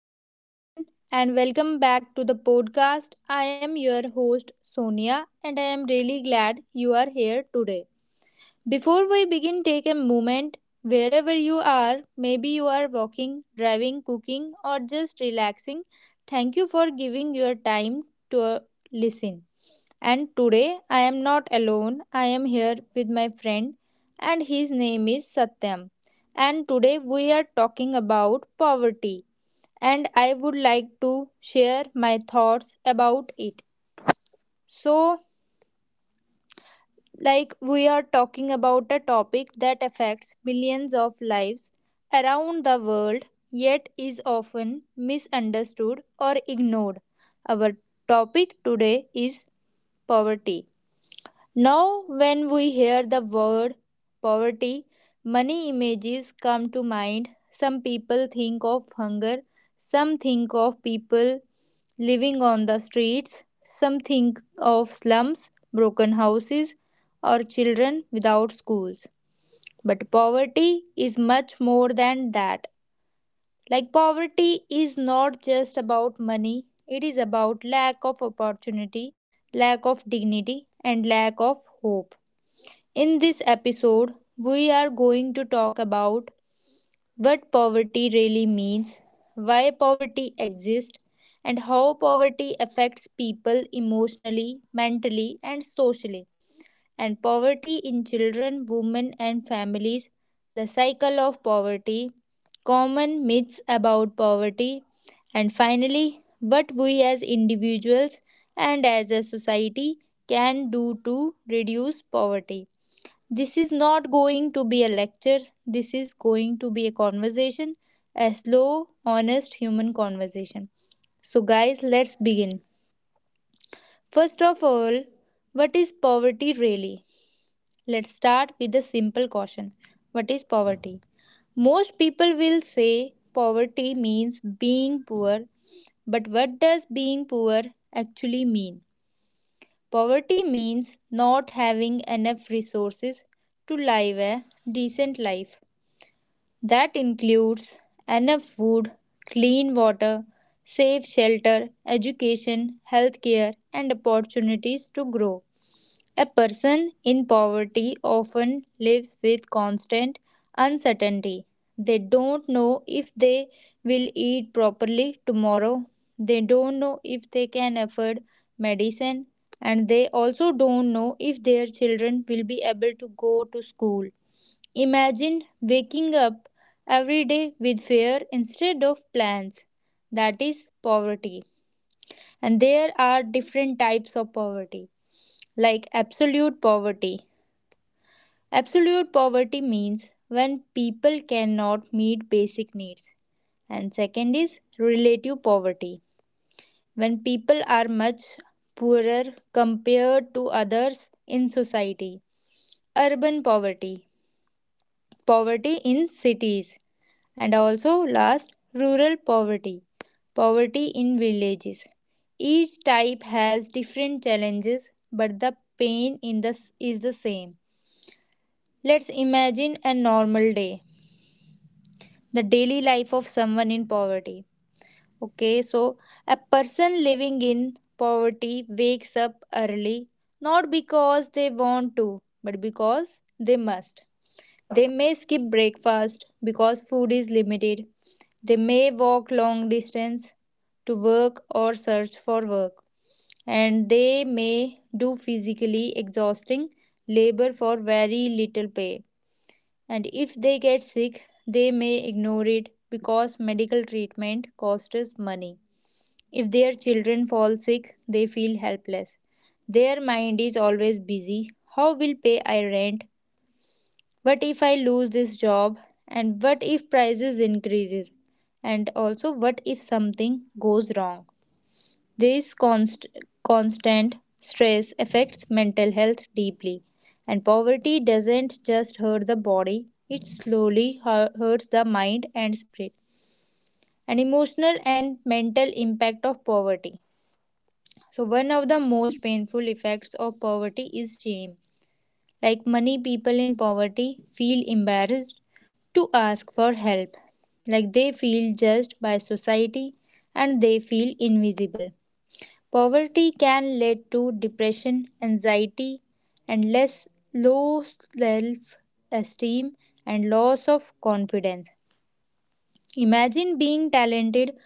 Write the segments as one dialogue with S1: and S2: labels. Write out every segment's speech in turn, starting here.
S1: Hello, everyone, and welcome back to the podcast. I am your host, Sonia, and I am really glad you are here today. Before we begin, take a moment wherever you are. Maybe you are walking, driving, cooking, or just relaxing. Thank you for giving your time to listen. And today, I am not alone. I am here with my friend, and his name is Satyam. And today, we are talking about poverty and I would like to share my thoughts about it. So, like we are talking about a topic that affects millions of lives around the world, yet is often misunderstood or ignored. Our topic today is poverty. Now, when we hear the word poverty, many images come to mind. Some people think of hunger, some think of people living on the streets, some think of slums, broken houses, or children without schools. But poverty is much more than that. Like, poverty is not just about money, it is about lack of opportunity, lack of dignity, and lack of hope. In this episode, we are going to talk about what poverty really means, why poverty exists, and how poverty affects people emotionally, mentally, and socially, and poverty in children, women, and families, the cycle of poverty, common myths about poverty, and finally, what we as individuals and as a society can do to reduce poverty. This is not going to be a lecture. This is going to be a conversation, a slow, honest human conversation. So, guys, let's begin. First of all, what is poverty really? Let's start with a simple question: what is poverty? Most people will say poverty means being poor, but what does being poor actually mean? Poverty means not having enough resources to live a decent life. That includes enough food, clean water, safe shelter, education, healthcare, and opportunities to grow. A person in poverty often lives with constant uncertainty. They don't know if they will eat properly tomorrow. They don't know if they can afford medicine. And they also don't know if their children will be able to go to school. Imagine waking up every day with fear instead of plans. That is poverty. And there are different types of poverty, like absolute poverty. Absolute poverty means when people cannot meet basic needs. And second is relative poverty, when people are much poorer compared to others in society. Urban poverty, poverty in cities. And also, last, rural poverty. Poverty in villages. Each type has different challenges, but the pain in this is the same. Let's imagine a normal day, the daily life of someone in poverty. Okay, so a person living in poverty wakes up early not because they want to, but because they must. They may skip breakfast because food is limited. They may walk long distance to work or search for work. And they may do physically exhausting labor for very little pay. And if they get sick, they may ignore it because medical treatment costs money. If their children fall sick, they feel helpless. Their mind is always busy. How will pay I rent? What if I lose this job, and what if prices increases, and also what if something goes wrong? This constant stress affects mental health deeply, and poverty doesn't just hurt the body, it slowly hurts the mind and spirit. An emotional and mental impact of poverty. So one of the most painful effects of poverty is shame. Like many people in poverty feel embarrassed to ask for help. Like they feel judged by society and they feel invisible. Poverty can lead to depression, anxiety, and less low self esteem and loss of confidence. Imagine being talented,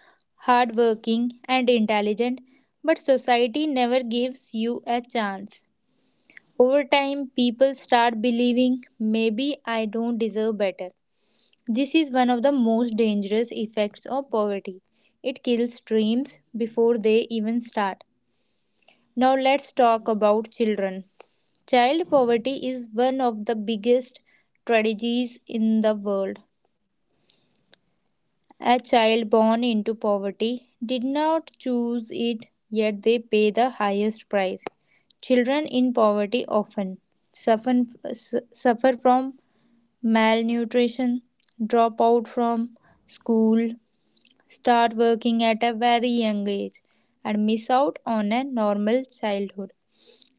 S1: hardworking, and intelligent, but society never gives you a chance. Over time, people start believing maybe I don't deserve better. This is one of the most dangerous effects of poverty. It kills dreams before they even start. Now, let's talk about children. Child poverty is one of the biggest tragedies in the world. A child born into poverty did not choose it, yet they pay the highest price. Children in poverty often suffer, suffer from malnutrition, drop out from school, start working at a very young age, and miss out on a normal childhood.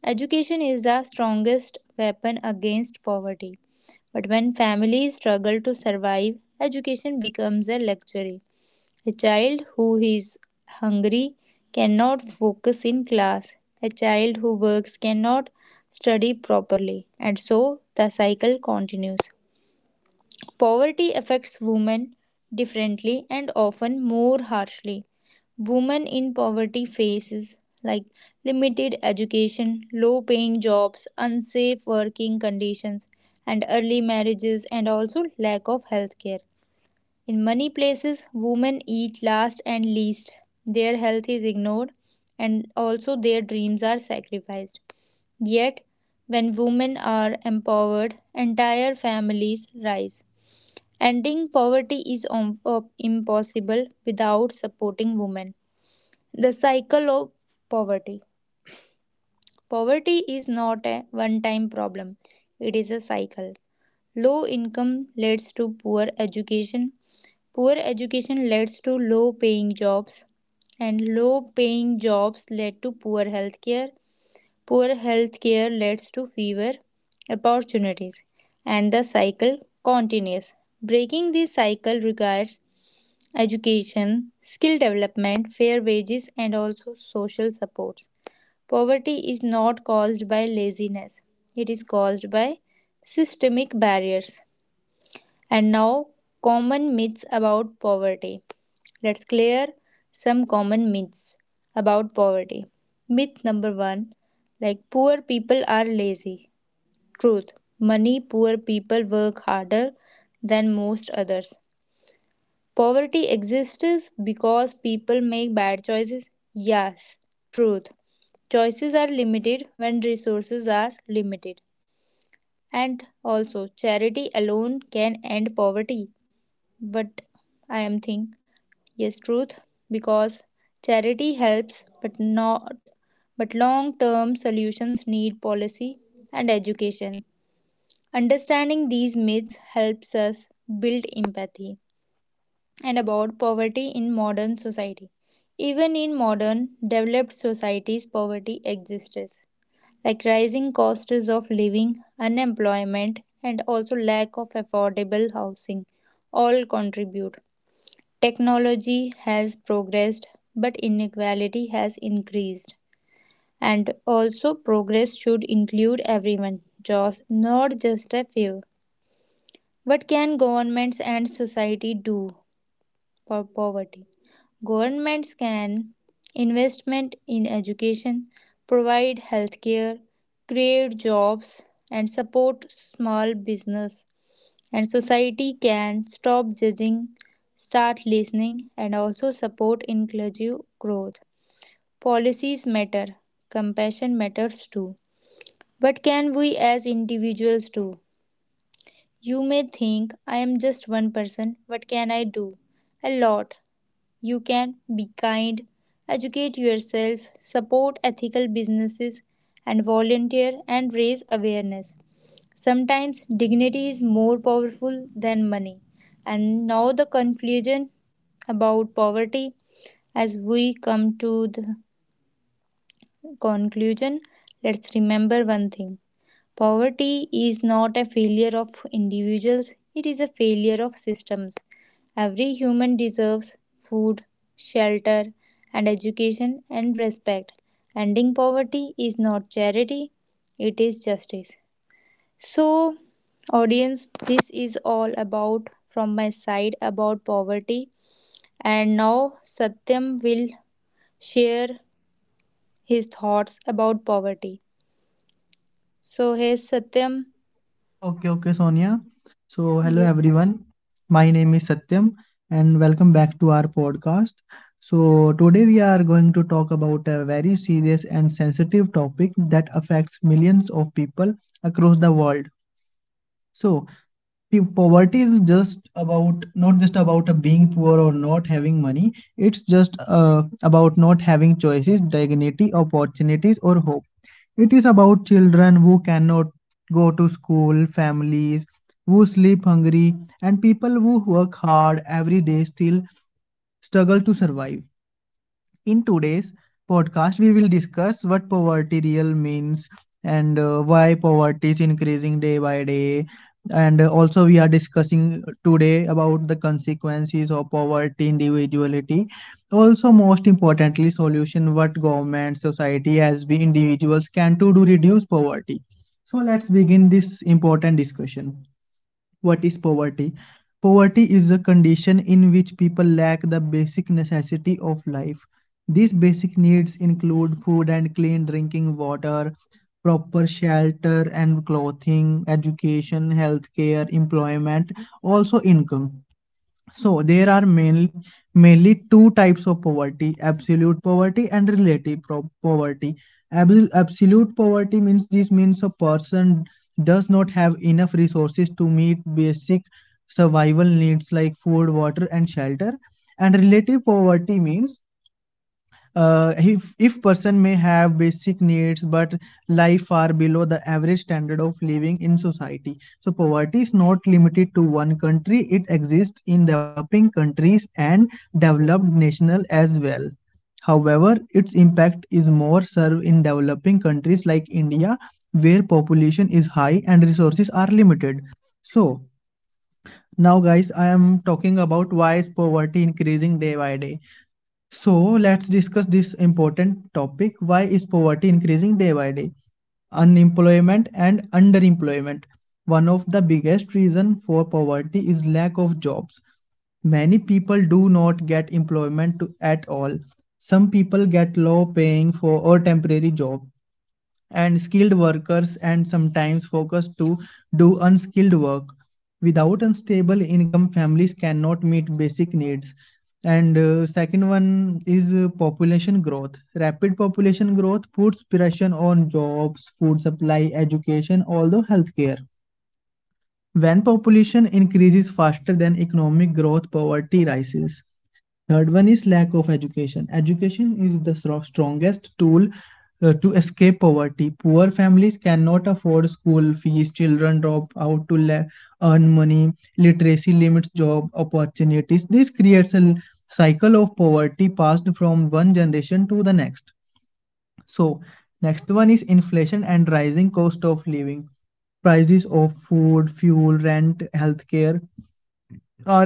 S1: Education is the strongest weapon against poverty. But when families struggle to survive, education becomes a luxury. A child who is hungry cannot focus in class. A child who works cannot study properly. And so the cycle continues. Poverty affects women differently and often more harshly. Women in poverty faces like limited education, low paying jobs, unsafe working conditions, and early marriages and also lack of health care. In many places, women eat last and least. Their health is ignored and also their dreams are sacrificed. Yet, when women are empowered, entire families rise. Ending poverty is impossible without supporting women. The cycle of poverty. Poverty is not a one time problem, it is a cycle. Low income leads to poor education leads to low paying jobs, and low paying jobs lead to poor health care leads to fewer opportunities, and the cycle continues. Breaking this cycle requires education, skill development, fair wages, and also social supports. Poverty is not caused by laziness, it is caused by systemic barriers. And now, common myths about poverty. Let's clear some common myths about poverty. Myth number one, like poor people are lazy. Truth money, poor people work harder than most others. Poverty exists because people make bad choices. Yes, truth. Choices are limited when resources are limited. And also, charity alone can end poverty. But I am think yes, truth because charity helps, but not. But long-term solutions need policy and education. Understanding these myths helps us build empathy and about poverty in modern society. Even in modern developed societies, poverty exists, like rising costs of living, unemployment, and also lack of affordable housing. All contribute. Technology has progressed, but inequality has increased. And also, progress should include everyone, just, not just a few. What can governments and society do? Poverty. Governments can investment in education, provide healthcare, create jobs, and support small business. And society can stop judging, start listening, and also support inclusive growth. Policies matter, compassion matters too. But can we as individuals do? You may think I am just one person, what can I do? A lot. You can be kind, educate yourself, support ethical businesses, and volunteer and raise awareness. Sometimes dignity is more powerful than money. And now the conclusion about poverty. As we come to the conclusion, let's remember one thing. Poverty is not a failure of individuals, it is a failure of systems. Every human deserves food, shelter, and education and respect. Ending poverty is not charity, it is justice. So, audience, this is all about from my side about poverty. And now Satyam will share his thoughts about poverty. So, here's Satyam.
S2: Okay, okay, Sonia. So,
S1: Yeah.
S2: hello everyone. My name is Satyam and welcome back to our podcast. So, today we are going to talk about a very serious and sensitive topic that affects millions of people across the world. So, pe- poverty is just about not just about being poor or not having money. It's just about not having choices, dignity, opportunities, or hope. It is about children who cannot go to school, families who sleep hungry, and people who work hard every day still struggle to survive. In today's podcast, we will discuss what poverty real means and why poverty is increasing day by day. And also, we are discussing today about the consequences of poverty, individuality. Also, most importantly, solution what government, society, as we individuals can do to reduce poverty. So let's begin this important discussion. What is poverty? Poverty is a condition in which people lack the basic necessity of life. These basic needs include food and clean drinking water, proper shelter and clothing, education, healthcare, employment, also income. So there are mainly two types of poverty: absolute poverty and relative poverty. Abs- absolute poverty means this means a person does not have enough resources to meet basic survival needs like food, water, and shelter. And relative poverty means if person may have basic needs but life far below the average standard of living in society. So poverty is not limited to one country. It exists in developing countries and developed nations as well. However, its impact is more served in developing countries like India, where population is high and resources are limited. So now, guys, I am talking about why is poverty increasing day by day. So, let's discuss this important topic. Why is poverty increasing day by day? Unemployment and underemployment. One of the biggest reason for poverty is lack of jobs. Many people do not get employment to, at all. Some people get low paying for or temporary job and skilled workers and sometimes forced to do unskilled work. Without unstable income, families cannot meet basic needs. And second one is population growth. Rapid population growth puts pressure on jobs, food supply, education, although healthcare. When population increases faster than economic growth, poverty rises. Third one is lack of education. Education is the strongest tool to escape poverty. Poor families cannot afford school fees, children drop out to earn money, literacy limits job opportunities. This creates a cycle of poverty passed from one generation to the next. So next one is inflation and rising cost of living. Prices of food, fuel, rent, healthcare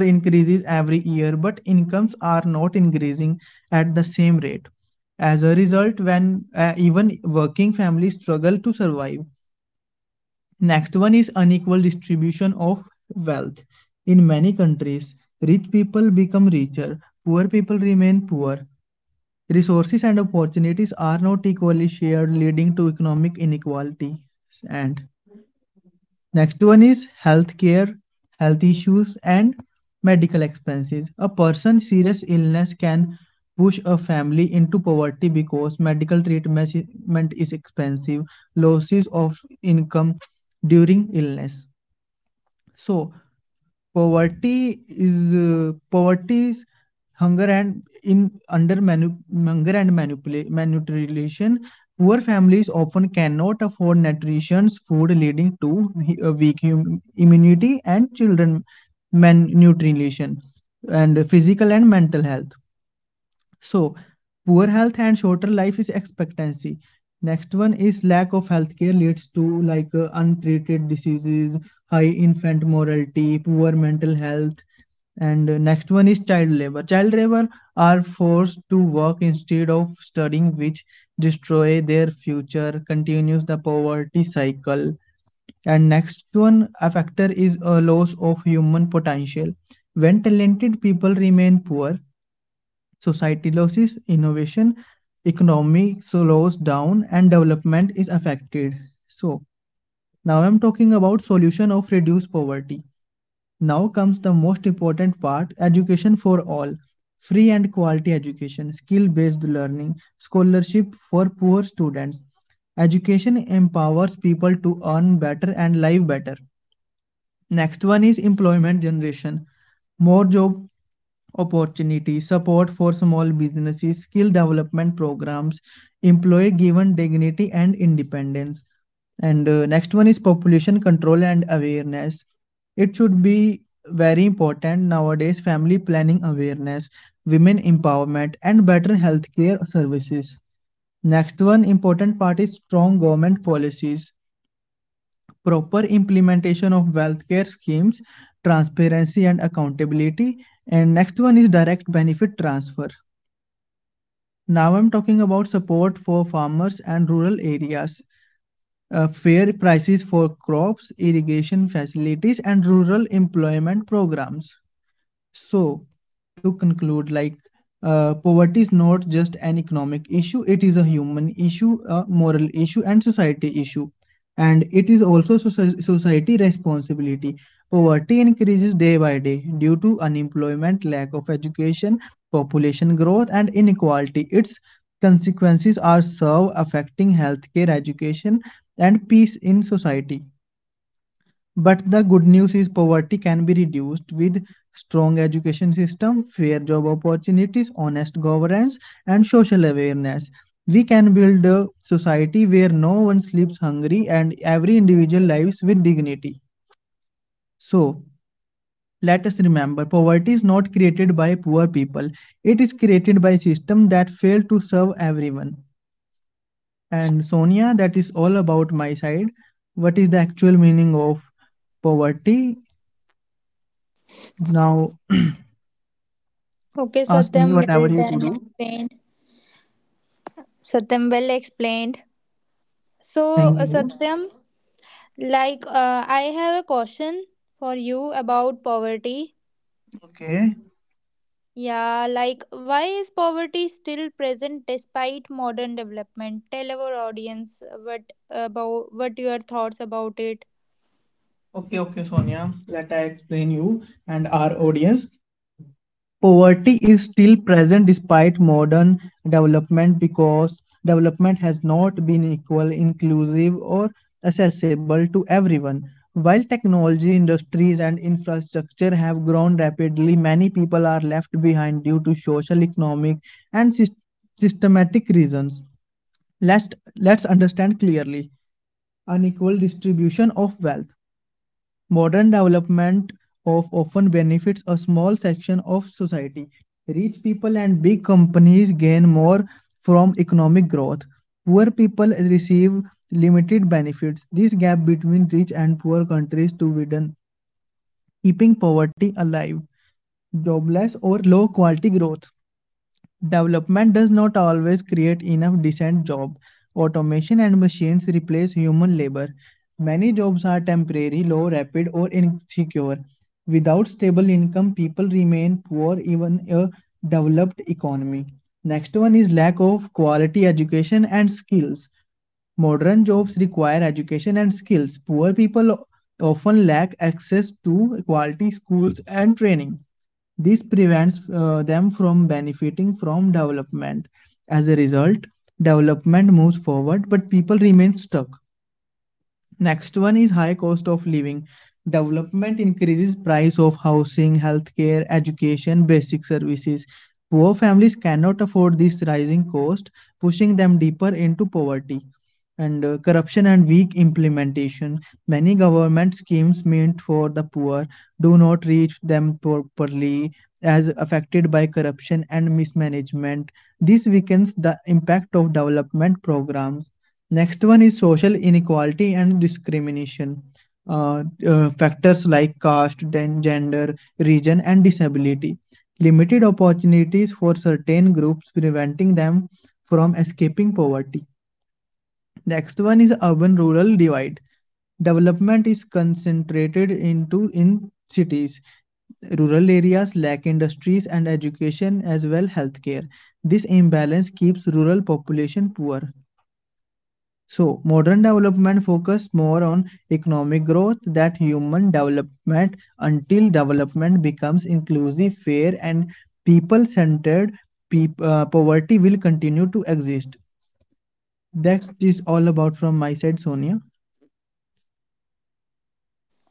S2: are increases every year, but incomes are not increasing at the same rate. As a result, when even working families struggle to survive. Next one is unequal distribution of wealth. In many countries, rich people become richer, poor people remain poor, resources and opportunities are not equally shared, leading to economic inequality. And next one is healthcare, health issues, and medical expenses. A person's serious illness can push a family into poverty because medical treatment is expensive, losses of income during illness. So, poverty is hunger and in under manu- hunger and manipulation. Poor families often cannot afford nutritious food, leading to weak immunity and children malnutrition and physical and mental health. So, poor health and shorter life is expectancy. Next one is lack of healthcare leads to untreated diseases, high infant mortality, poor mental health, and next one is child labor. Child labor are forced to work instead of studying, which destroy their future, continues the poverty cycle. And next one, a factor is a loss of human potential. When talented people remain poor, society loses innovation, economy slows down, and development is affected. So, now I'm talking about solution of reduce poverty. Now comes the most important part, education for all. Free and quality education, skill-based learning, scholarship for poor students. Education empowers people to earn better and live better. Next one is employment generation. More job opportunities, support for small businesses, skill development programs, employee given dignity and independence. And next one is population control and awareness. It should be very important nowadays family planning awareness, women empowerment, and better healthcare services. Next one important part is strong government policies proper implementation of wealth care schemes, transparency and accountability, and next one is direct benefit transfer. Now I'm talking about support for farmers and rural areas, fair prices for crops, irrigation facilities, and rural employment programs. So, to conclude, poverty is not just an economic issue, it is a human issue, a moral issue, and society issue. And it is also society responsibility. Poverty increases day by day due to unemployment, lack of education, population growth, and inequality. Its consequences are severe, affecting healthcare, education, and peace in society. But the good news is poverty can be reduced with strong education system, fair job opportunities, honest governance and social awareness. We can build a society where no one sleeps hungry and every individual lives with dignity. So, let us remember poverty is not created by poor people. It is created by system that fail to serve everyone. And Sonia, that is all about my side. What is the actual meaning of poverty? Now
S1: Okay,
S2: ask
S1: Satyam,
S2: me
S1: well
S2: whatever you
S1: done
S2: to do.
S1: explained. Satyam, well explained. So,
S2: Thank you.
S1: Satyam, like I have a question for you about poverty.
S2: Okay.
S1: Yeah, like why is poverty still present despite modern development? Tell our audience what about what your thoughts about it.
S2: Okay, Sonia. Let I explain you and our audience. Poverty is still present despite modern development because development has not been equal, inclusive, or accessible to everyone. While technology, industries, and infrastructure have grown rapidly, many people are left behind due to social, economic, and systematic reasons. Let's, let's understand clearly. Unequal distribution of wealth. Modern development of often benefits a small section of society. Rich people and big companies gain more from economic growth. Poor people receive limited benefits. This gap between rich and poor countries to widen, keeping poverty alive. Jobless or low quality growth. Development does not always create enough decent jobs. Automation and machines replace human labor. Many jobs are temporary, low, rapid, or insecure. Without stable income, people remain poor even in a developed economy. Next one is lack of quality education and skills. Modern jobs require education and skills. Poor people often lack access to quality schools and training. This prevents them from benefiting from development. As a result, development moves forward, but people remain stuck. Next one is high cost of living. Development increases price of housing, healthcare, education, basic services. Poor families cannot afford this rising cost, pushing them deeper into poverty. And corruption and weak implementation. Many government schemes meant for the poor do not reach them properly, as affected by corruption and mismanagement. This weakens the impact of development programs. Next one is social inequality and discrimination. Factors like caste, then gender, region, and disability. Limited opportunities for certain groups, preventing them from escaping poverty. Next one is urban rural divide. Development is concentrated into in cities. Rural areas lack industries and education as well healthcare. This imbalance keeps rural population poor. So, modern development focused more on economic growth than human development until development becomes inclusive, fair, and people centered. Poverty will continue to exist. That is all about from my side, Sonia.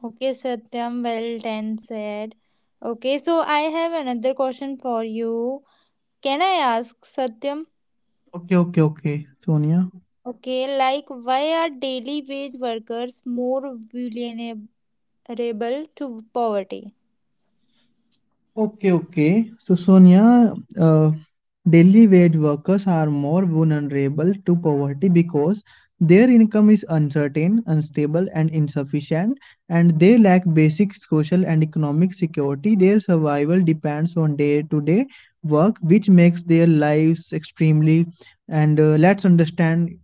S1: Okay, Satyam, well done said. Okay, so I have another question for you. Can I ask Satyam?
S2: Okay, Sonia.
S1: Okay, like why are daily wage workers more vulnerable to poverty?
S2: Okay. So, Sonia, uh, daily wage workers are more vulnerable to poverty because their income is uncertain, unstable, and insufficient, and they lack basic social and economic security. Their survival depends on day-to-day work, which makes their lives extremely. And let's understand,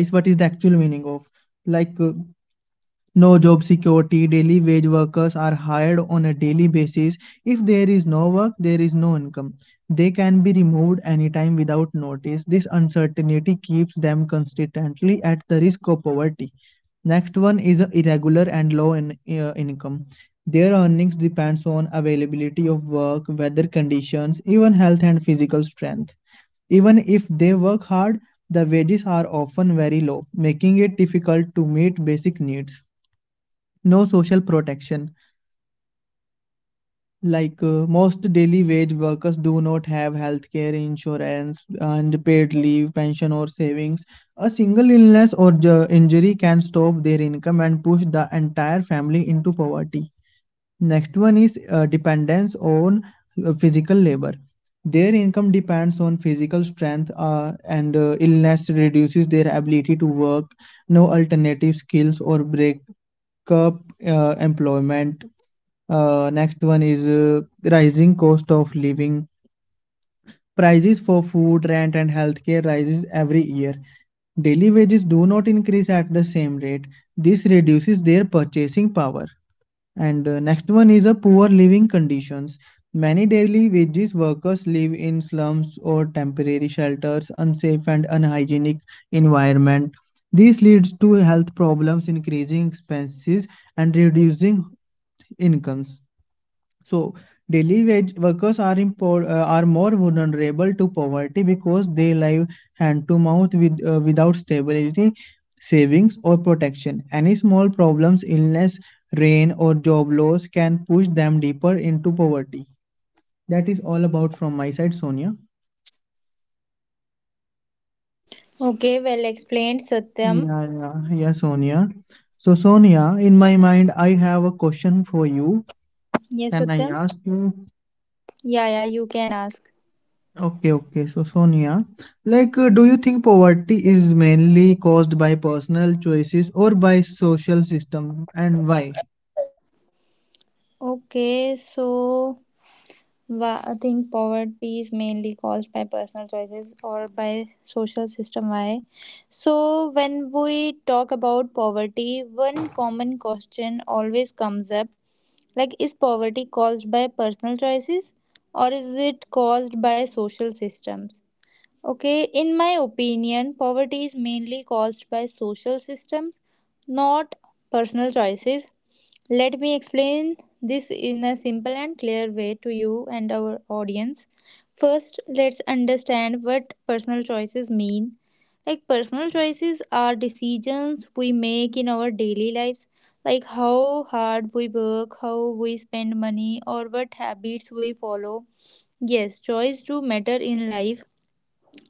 S2: guys, what is the actual meaning of like. No job security, daily wage workers are hired on a daily basis. If there is no work, there is no income. They can be removed anytime without notice. This uncertainty keeps them constantly at the risk of poverty. Next one is irregular and low income. Their earnings depends on availability of work, weather conditions, even health and physical strength. Even if they work hard, the wages are often very low, making it difficult to meet basic needs. No social protection. Most daily wage workers do not have healthcare, insurance, and paid leave, pension, or savings. A single illness or injury can stop their income and push the entire family into poverty. Next one is dependence on physical labor. Their income depends on physical strength, and illness reduces their ability to work. No alternative skills or break cup employment. Next one is rising cost of living. Prices for food, rent, and healthcare rises every year. Daily wages do not increase at the same rate. This reduces their purchasing power. And next one is a poor living conditions. Many daily wages workers live in slums or temporary shelters, unsafe and unhygienic environment. This leads to health problems, increasing expenses, and reducing incomes. So daily wage workers are are more vulnerable to poverty because they live hand to mouth without stability, savings or protection. Any small problems, illness, rain or job loss can push them deeper into poverty. That is all about from my side, Sonia.
S1: Okay, well explained, Satyam.
S2: Yeah, yeah, yeah, Sonia. So Sonia, in my mind, I have a question for you.
S1: Yes,
S2: Can
S1: Satyam.
S2: I ask you?
S1: Yeah, yeah, you can ask.
S2: Okay, okay. So, Sonia, like, do you think poverty is mainly caused by personal choices or by social system, and why?
S1: Okay, so I think poverty is mainly caused by personal choices or by social system. Why? So when we talk about poverty, one common question always comes up. Like, is poverty caused by personal choices or is it caused by social systems? Okay, in my opinion, poverty is mainly caused by social systems, not personal choices. Let me explain this in a simple and clear way to you and our audience. First, let's understand what personal choices mean. Like, personal choices are decisions we make in our daily lives, like how hard we work, how we spend money, or what habits we follow. Yes, choice do matter in life,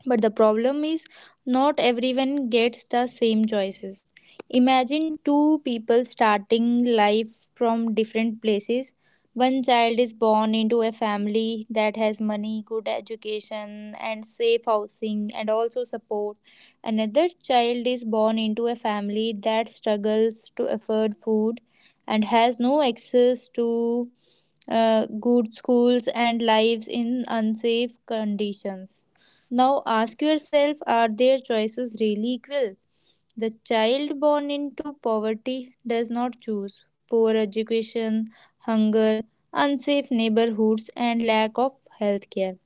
S1: but the problem is, not everyone gets the same choices. Imagine two people starting life from different places. One child is born into a family that has money, good education, and safe housing, and also support. Another child is born into a family that struggles to afford food and has no access to good schools and lives in unsafe conditions. Now ask yourself, are their choices really equal? The child born into poverty does not choose poor education, hunger, unsafe neighborhoods, and lack of health care.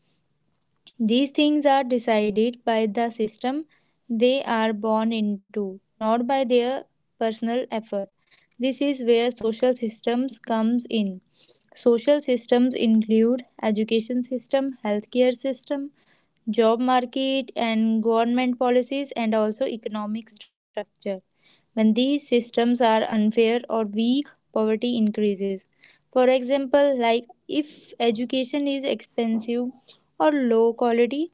S1: These things are decided by the system they are born into, not by their personal effort. This is where social systems comes in. Social systems include education system, healthcare system, job market and government policies and also economic structure. When these systems are unfair or weak, poverty increases. For example, like if education is expensive or low quality,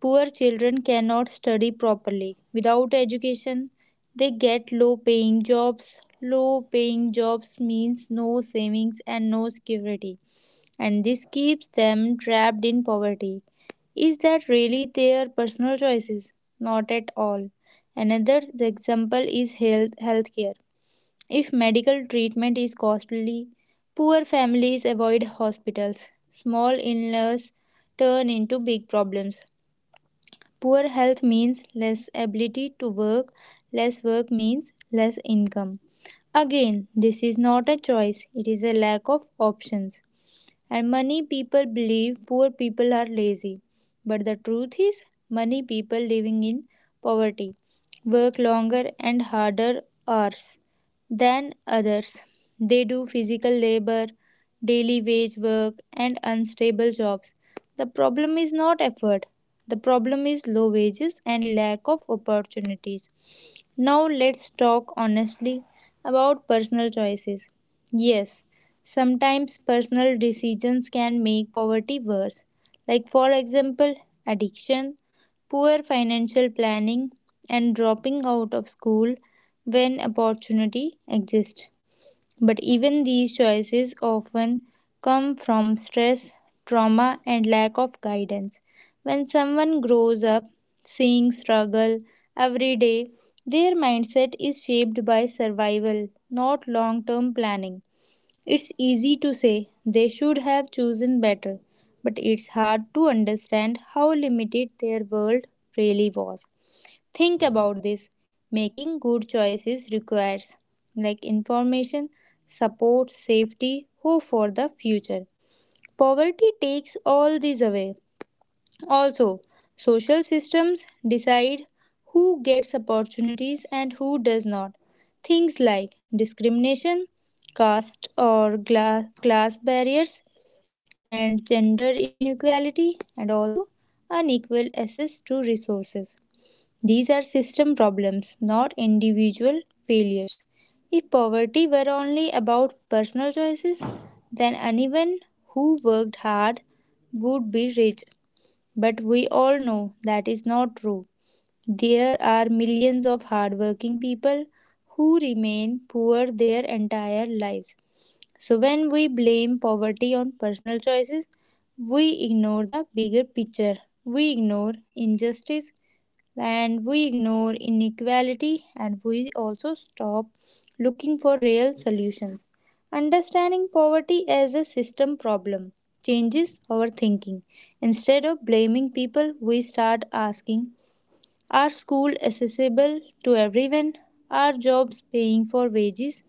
S1: poor children cannot study properly. Without education, they get low paying jobs. Low paying jobs means no savings and no security, and this keeps them trapped in poverty. Is that really their personal choices? Not at all. Another example is healthcare. If medical treatment is costly, poor families avoid hospitals. Small illnesses turn into big problems. Poor health means less ability to work, less work means less income. Again, this is not a choice, it is a lack of options. And money people believe poor people are lazy. But the truth is, money people living in poverty work longer and harder hours than others. They do physical labor, daily wage work, and unstable jobs. The problem is not effort, the problem is low wages and lack of opportunities. Now let's talk honestly about personal choices. Yes, sometimes personal decisions can make poverty worse. Like, for example, addiction, poor financial planning, and dropping out of school when opportunity exists. But even these choices often come from stress, trauma, and lack of guidance. When someone grows up seeing struggle every day, their mindset is shaped by survival, not long term planning. It's easy to say they should have chosen better, but it's hard to understand how limited their world really was. Think about this: making good choices requires like information, support, safety, hope for the future. Poverty takes all these away. Also, social systems decide who gets opportunities and who does not. Things like discrimination, class barriers, and gender inequality, and also unequal access to resources. These are system problems, not individual failures. If poverty were only about personal choices, then anyone who worked hard would be rich. But we all know that is not true. There are millions of hardworking people who remain poor their entire lives. So, when we blame poverty on personal choices, we ignore the bigger picture. We ignore injustice, and we ignore inequality, and we also stop looking for real solutions. Understanding poverty as a system problem changes our thinking. Instead of blaming people, we start asking, are schools accessible to everyone? Are jobs paying for wages?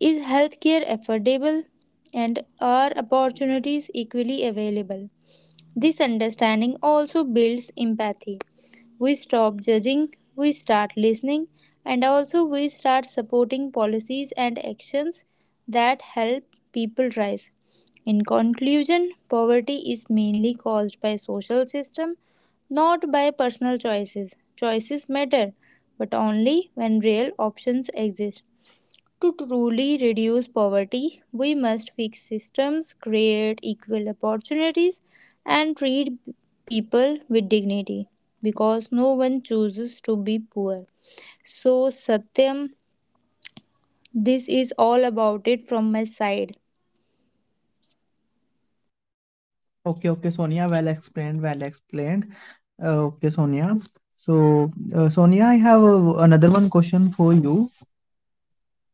S1: Is healthcare affordable? And are opportunities equally available? This understanding also builds empathy. We stop judging, we start listening, and also we start supporting policies and actions that help people rise. In conclusion, poverty is mainly caused by social system, not by personal choices. Choices matter, but only when real options exist. To truly reduce poverty, we must fix systems, create equal opportunities, and treat people with dignity, because no one chooses to be poor. So, Satyam, this is all about it from my side.
S2: Okay, okay, Sonia. Well explained. Well explained. Okay, Sonia. So, Sonia, I have another one question for you.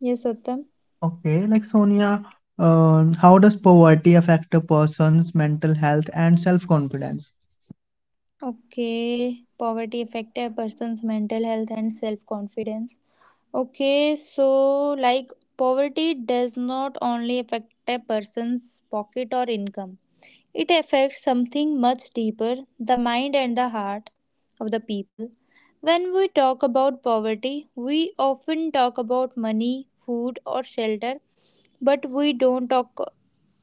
S1: Yes, Satyam.
S2: Okay, like Sonia, how does poverty affect a person's mental health and self-confidence?
S1: Okay, poverty affects a person's mental health and self confidence. Okay, so like poverty does not only affect a person's pocket or income, it affects something much deeper: the mind and the heart of the people. When we talk about poverty, we often talk about money, food, or shelter, but we don't talk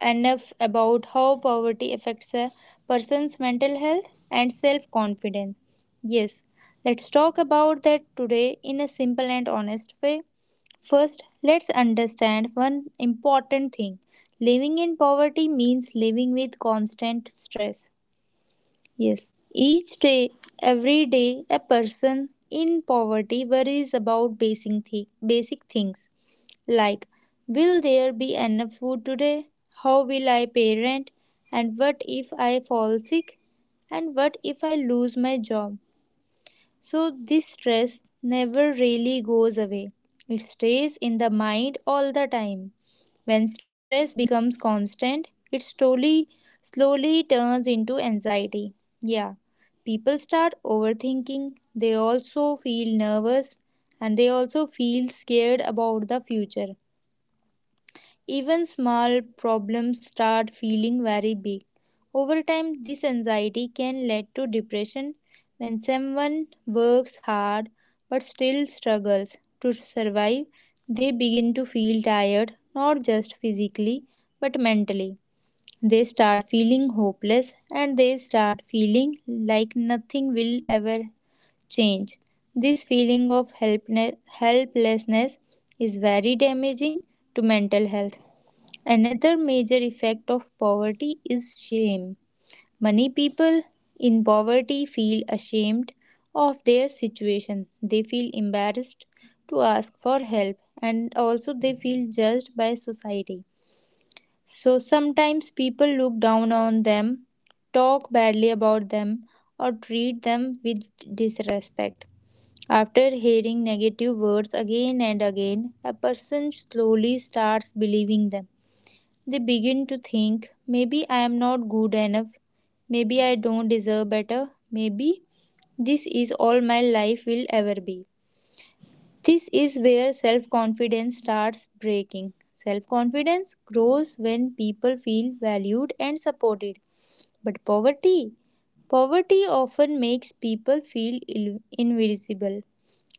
S1: enough about how poverty affects a person's mental health and self confidence. Yes, let's talk about that today in a simple and honest way. First, let's understand one important thing: living in poverty means living with constant stress. Yes, each day, every day, a person in poverty worries about basic things like, will there be enough food today? How will I pay rent? And what if I fall sick? And what if I lose my job? So, this stress never really goes away. It stays in the mind all the time. When stress becomes constant, it slowly turns into anxiety. Yeah, people start overthinking, they also feel nervous, and they also feel scared about the future, even small problems start feeling very big. Over time, this anxiety can lead to depression when someone works hard but still struggles to survive. They begin to feel tired, not just physically but mentally. They start feeling hopeless and they start feeling like nothing will ever change. This feeling of helplessness is very damaging to mental health. Another major effect of poverty is shame. Many people in poverty feel ashamed of their situation. They feel embarrassed to ask for help, and also they feel judged by society. So sometimes people look down on them, talk badly about them, or treat them with disrespect. After hearing negative words again and again, a person slowly starts believing them. They begin to think, maybe I am not good enough, maybe I don't deserve better, maybe this is all my life will ever be. This is where self confidence starts breaking. Self confidence grows when people feel valued and supported. But poverty often makes people feel invisible.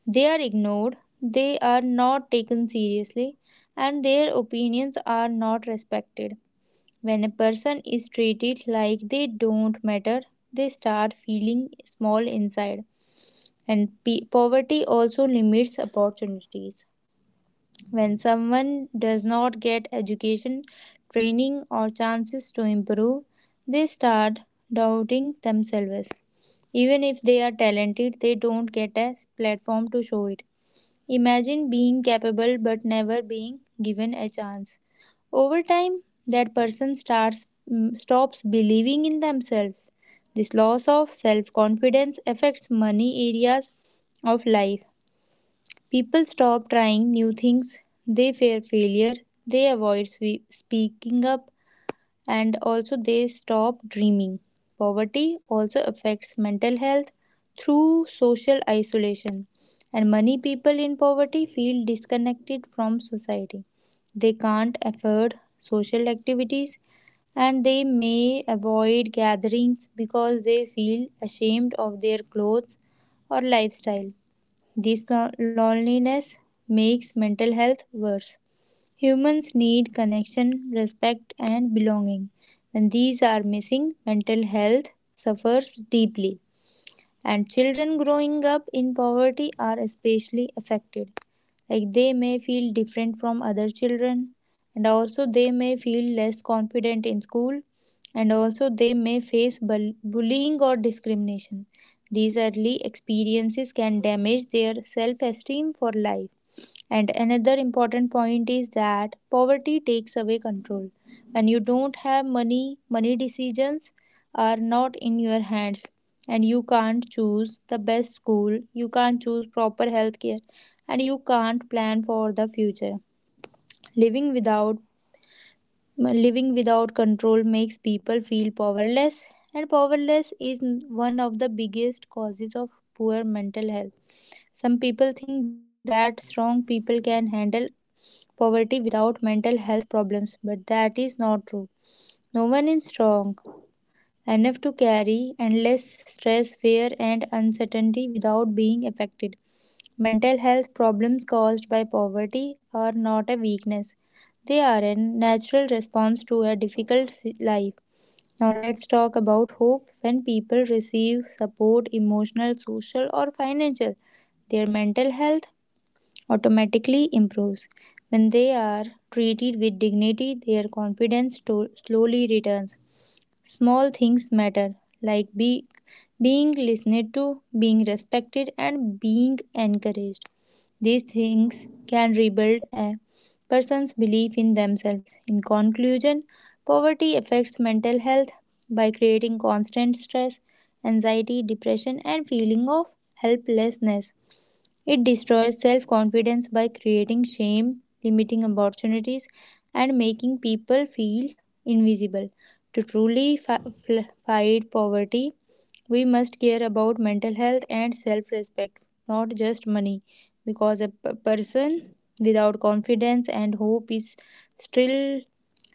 S1: They are ignored, they are not taken seriously, and their opinions are not respected. When a person is treated like they don't matter, they start feeling small inside. And poverty also limits opportunities. When someone does not get education, training, or chances to improve, they start doubting themselves. Even if they are talented, they don't get a platform to show it. Imagine being capable but never being given a chance. Over time, that person stops believing in themselves. This loss of self-confidence affects many areas of life. People stop trying new things. They fear failure. They avoid speaking up, and also they stop dreaming. Poverty also affects mental health through social isolation, and many people in poverty feel disconnected from society. They can't afford social activities, and they may avoid gatherings because they feel ashamed of their clothes or lifestyle. This loneliness makes mental health worse. Humans need connection, respect, and belonging. When these are missing, mental health suffers deeply, and children growing up in poverty are especially affected. Like, they may feel different from other children, and also they may feel less confident in school, and also they may face bullying or discrimination. These early experiences can damage their self esteem for life. And another important point is that poverty takes away control. When you don't have money, money decisions are not in your hands. And you can't choose the best school, you can't choose proper health care, and you can't plan for the future. Living without Living without control makes people feel powerless, and powerless is one of the biggest causes of poor mental health. Some people think that strong people can handle poverty without mental health problems, but that is not true. No one is strong enough to carry endless stress, fear, and uncertainty without being affected. Mental health problems caused by poverty are not a weakness, they are a natural response to a life. Now, let's talk about hope. When people receive support, emotional, social, or financial, their mental health automatically improves. When they are treated with dignity, their slowly returns. Small things matter, like being listened to, being respected, and being encouraged. These things can rebuild a person's belief in themselves. In conclusion, poverty affects mental health by creating constant stress, anxiety, depression, and feeling of helplessness. It destroys self confidence by creating shame, limiting opportunities, and making people feel invisible. To fight poverty, we must care about mental health and self respect, not just money, because a person without confidence and hope is still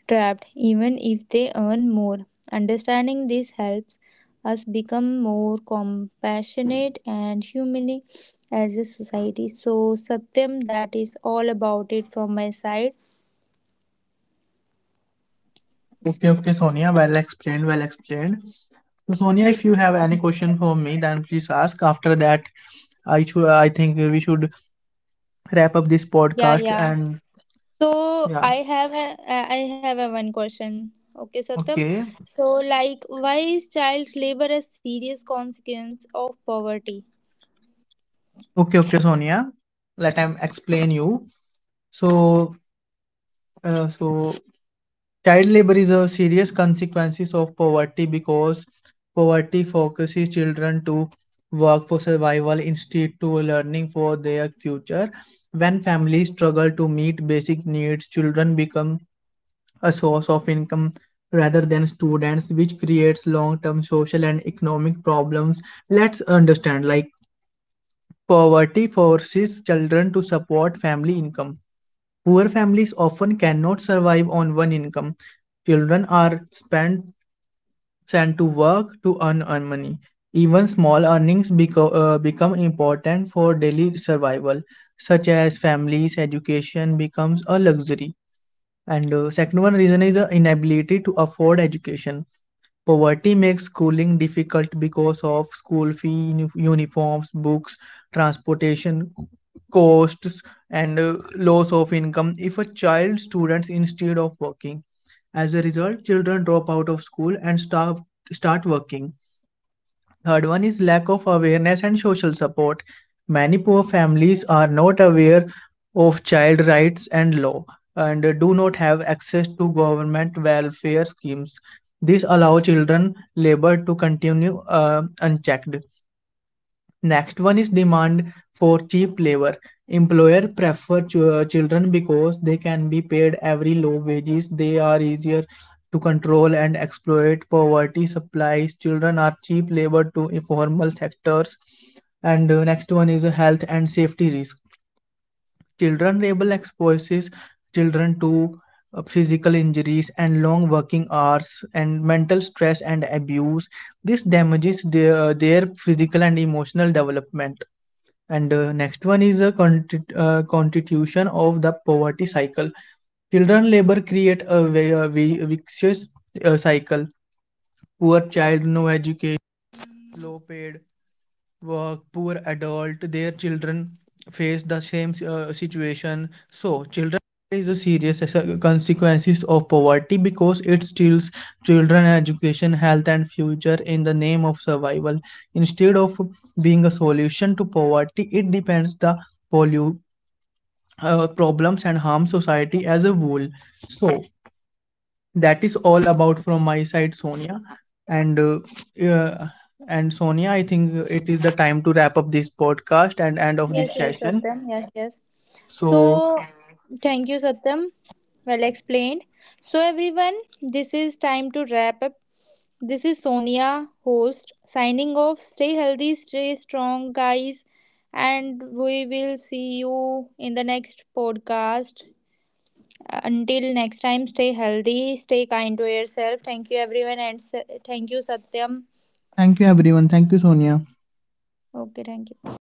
S1: trapped, even if they earn more. Understanding this helps us become more compassionate and humane as a society. So, Satyam, that is all about it from my side.
S2: Okay, okay, Sonia. Well explained, well explained. So, Sonia, if
S1: Yes,
S2: you
S1: sir.
S2: have any question for me, then please ask. After that, I should, I think we should wrap up this
S1: Yeah,
S2: podcast.
S1: yeah.
S2: And
S1: So,
S2: yeah,
S1: I have a one question. Okay, Satyam.
S2: okay,
S1: So, like, why is child labor a serious consequence of poverty?
S2: okay, okay, Sonia. Let me explain you. So, uh, so Child labor is a serious consequences of poverty because poverty focuses children to work for survival instead to learning for their future. When families struggle to meet basic needs, children become a source of income rather than students, which creates long-term social and economic problems. Let's understand like poverty forces children to support family income. Poor families often cannot survive on one income. Children are sent to work to earn money. Even small earnings become important for daily survival, such as families' education becomes a luxury. And second one reason is the inability to afford education. Poverty makes schooling difficult because of school fee, uniforms, books, transportation costs, and loss of income if a child students instead of working. As a result, children drop out of school and start working. Third one is lack of awareness and social support. Many poor families are not aware of child rights and law and do not have access to government welfare schemes. This allows children labor to continue unchecked. Next one is demand for cheap labor. Employer prefer children because they can be paid every low wages. They are easier to control and exploit. Poverty supplies children are cheap labor to informal sectors. And next one is health and safety risk. Children labor exposes children to physical injuries and long working hours and mental stress and abuse. This damages their physical and emotional development. And next one is a constitution of the poverty cycle. Children labor create a vicious cycle. Poor child no, because it steals children education health and future in the name of survival, instead of being a solution to poverty it depends the pollu- problems and harm society as a whole. So that is all about from my side, Sonia. And uh, uh, and Sonia, I think it is the time to wrap up this podcast and end of
S1: Yes,
S2: this
S1: yes,
S2: session.
S1: Satyam. Yes, yes.
S2: So
S1: So, thank you, Satyam. Well explained. So, everyone, this is time to wrap up. This is Sonia, host, signing off. Stay healthy, stay strong, guys, and we will see you in the next podcast. Until next time, stay healthy, stay kind to yourself. Thank you, everyone, and thank you, Satyam.
S2: thank you everyone, thank you Sonia.
S1: Okay, thank you.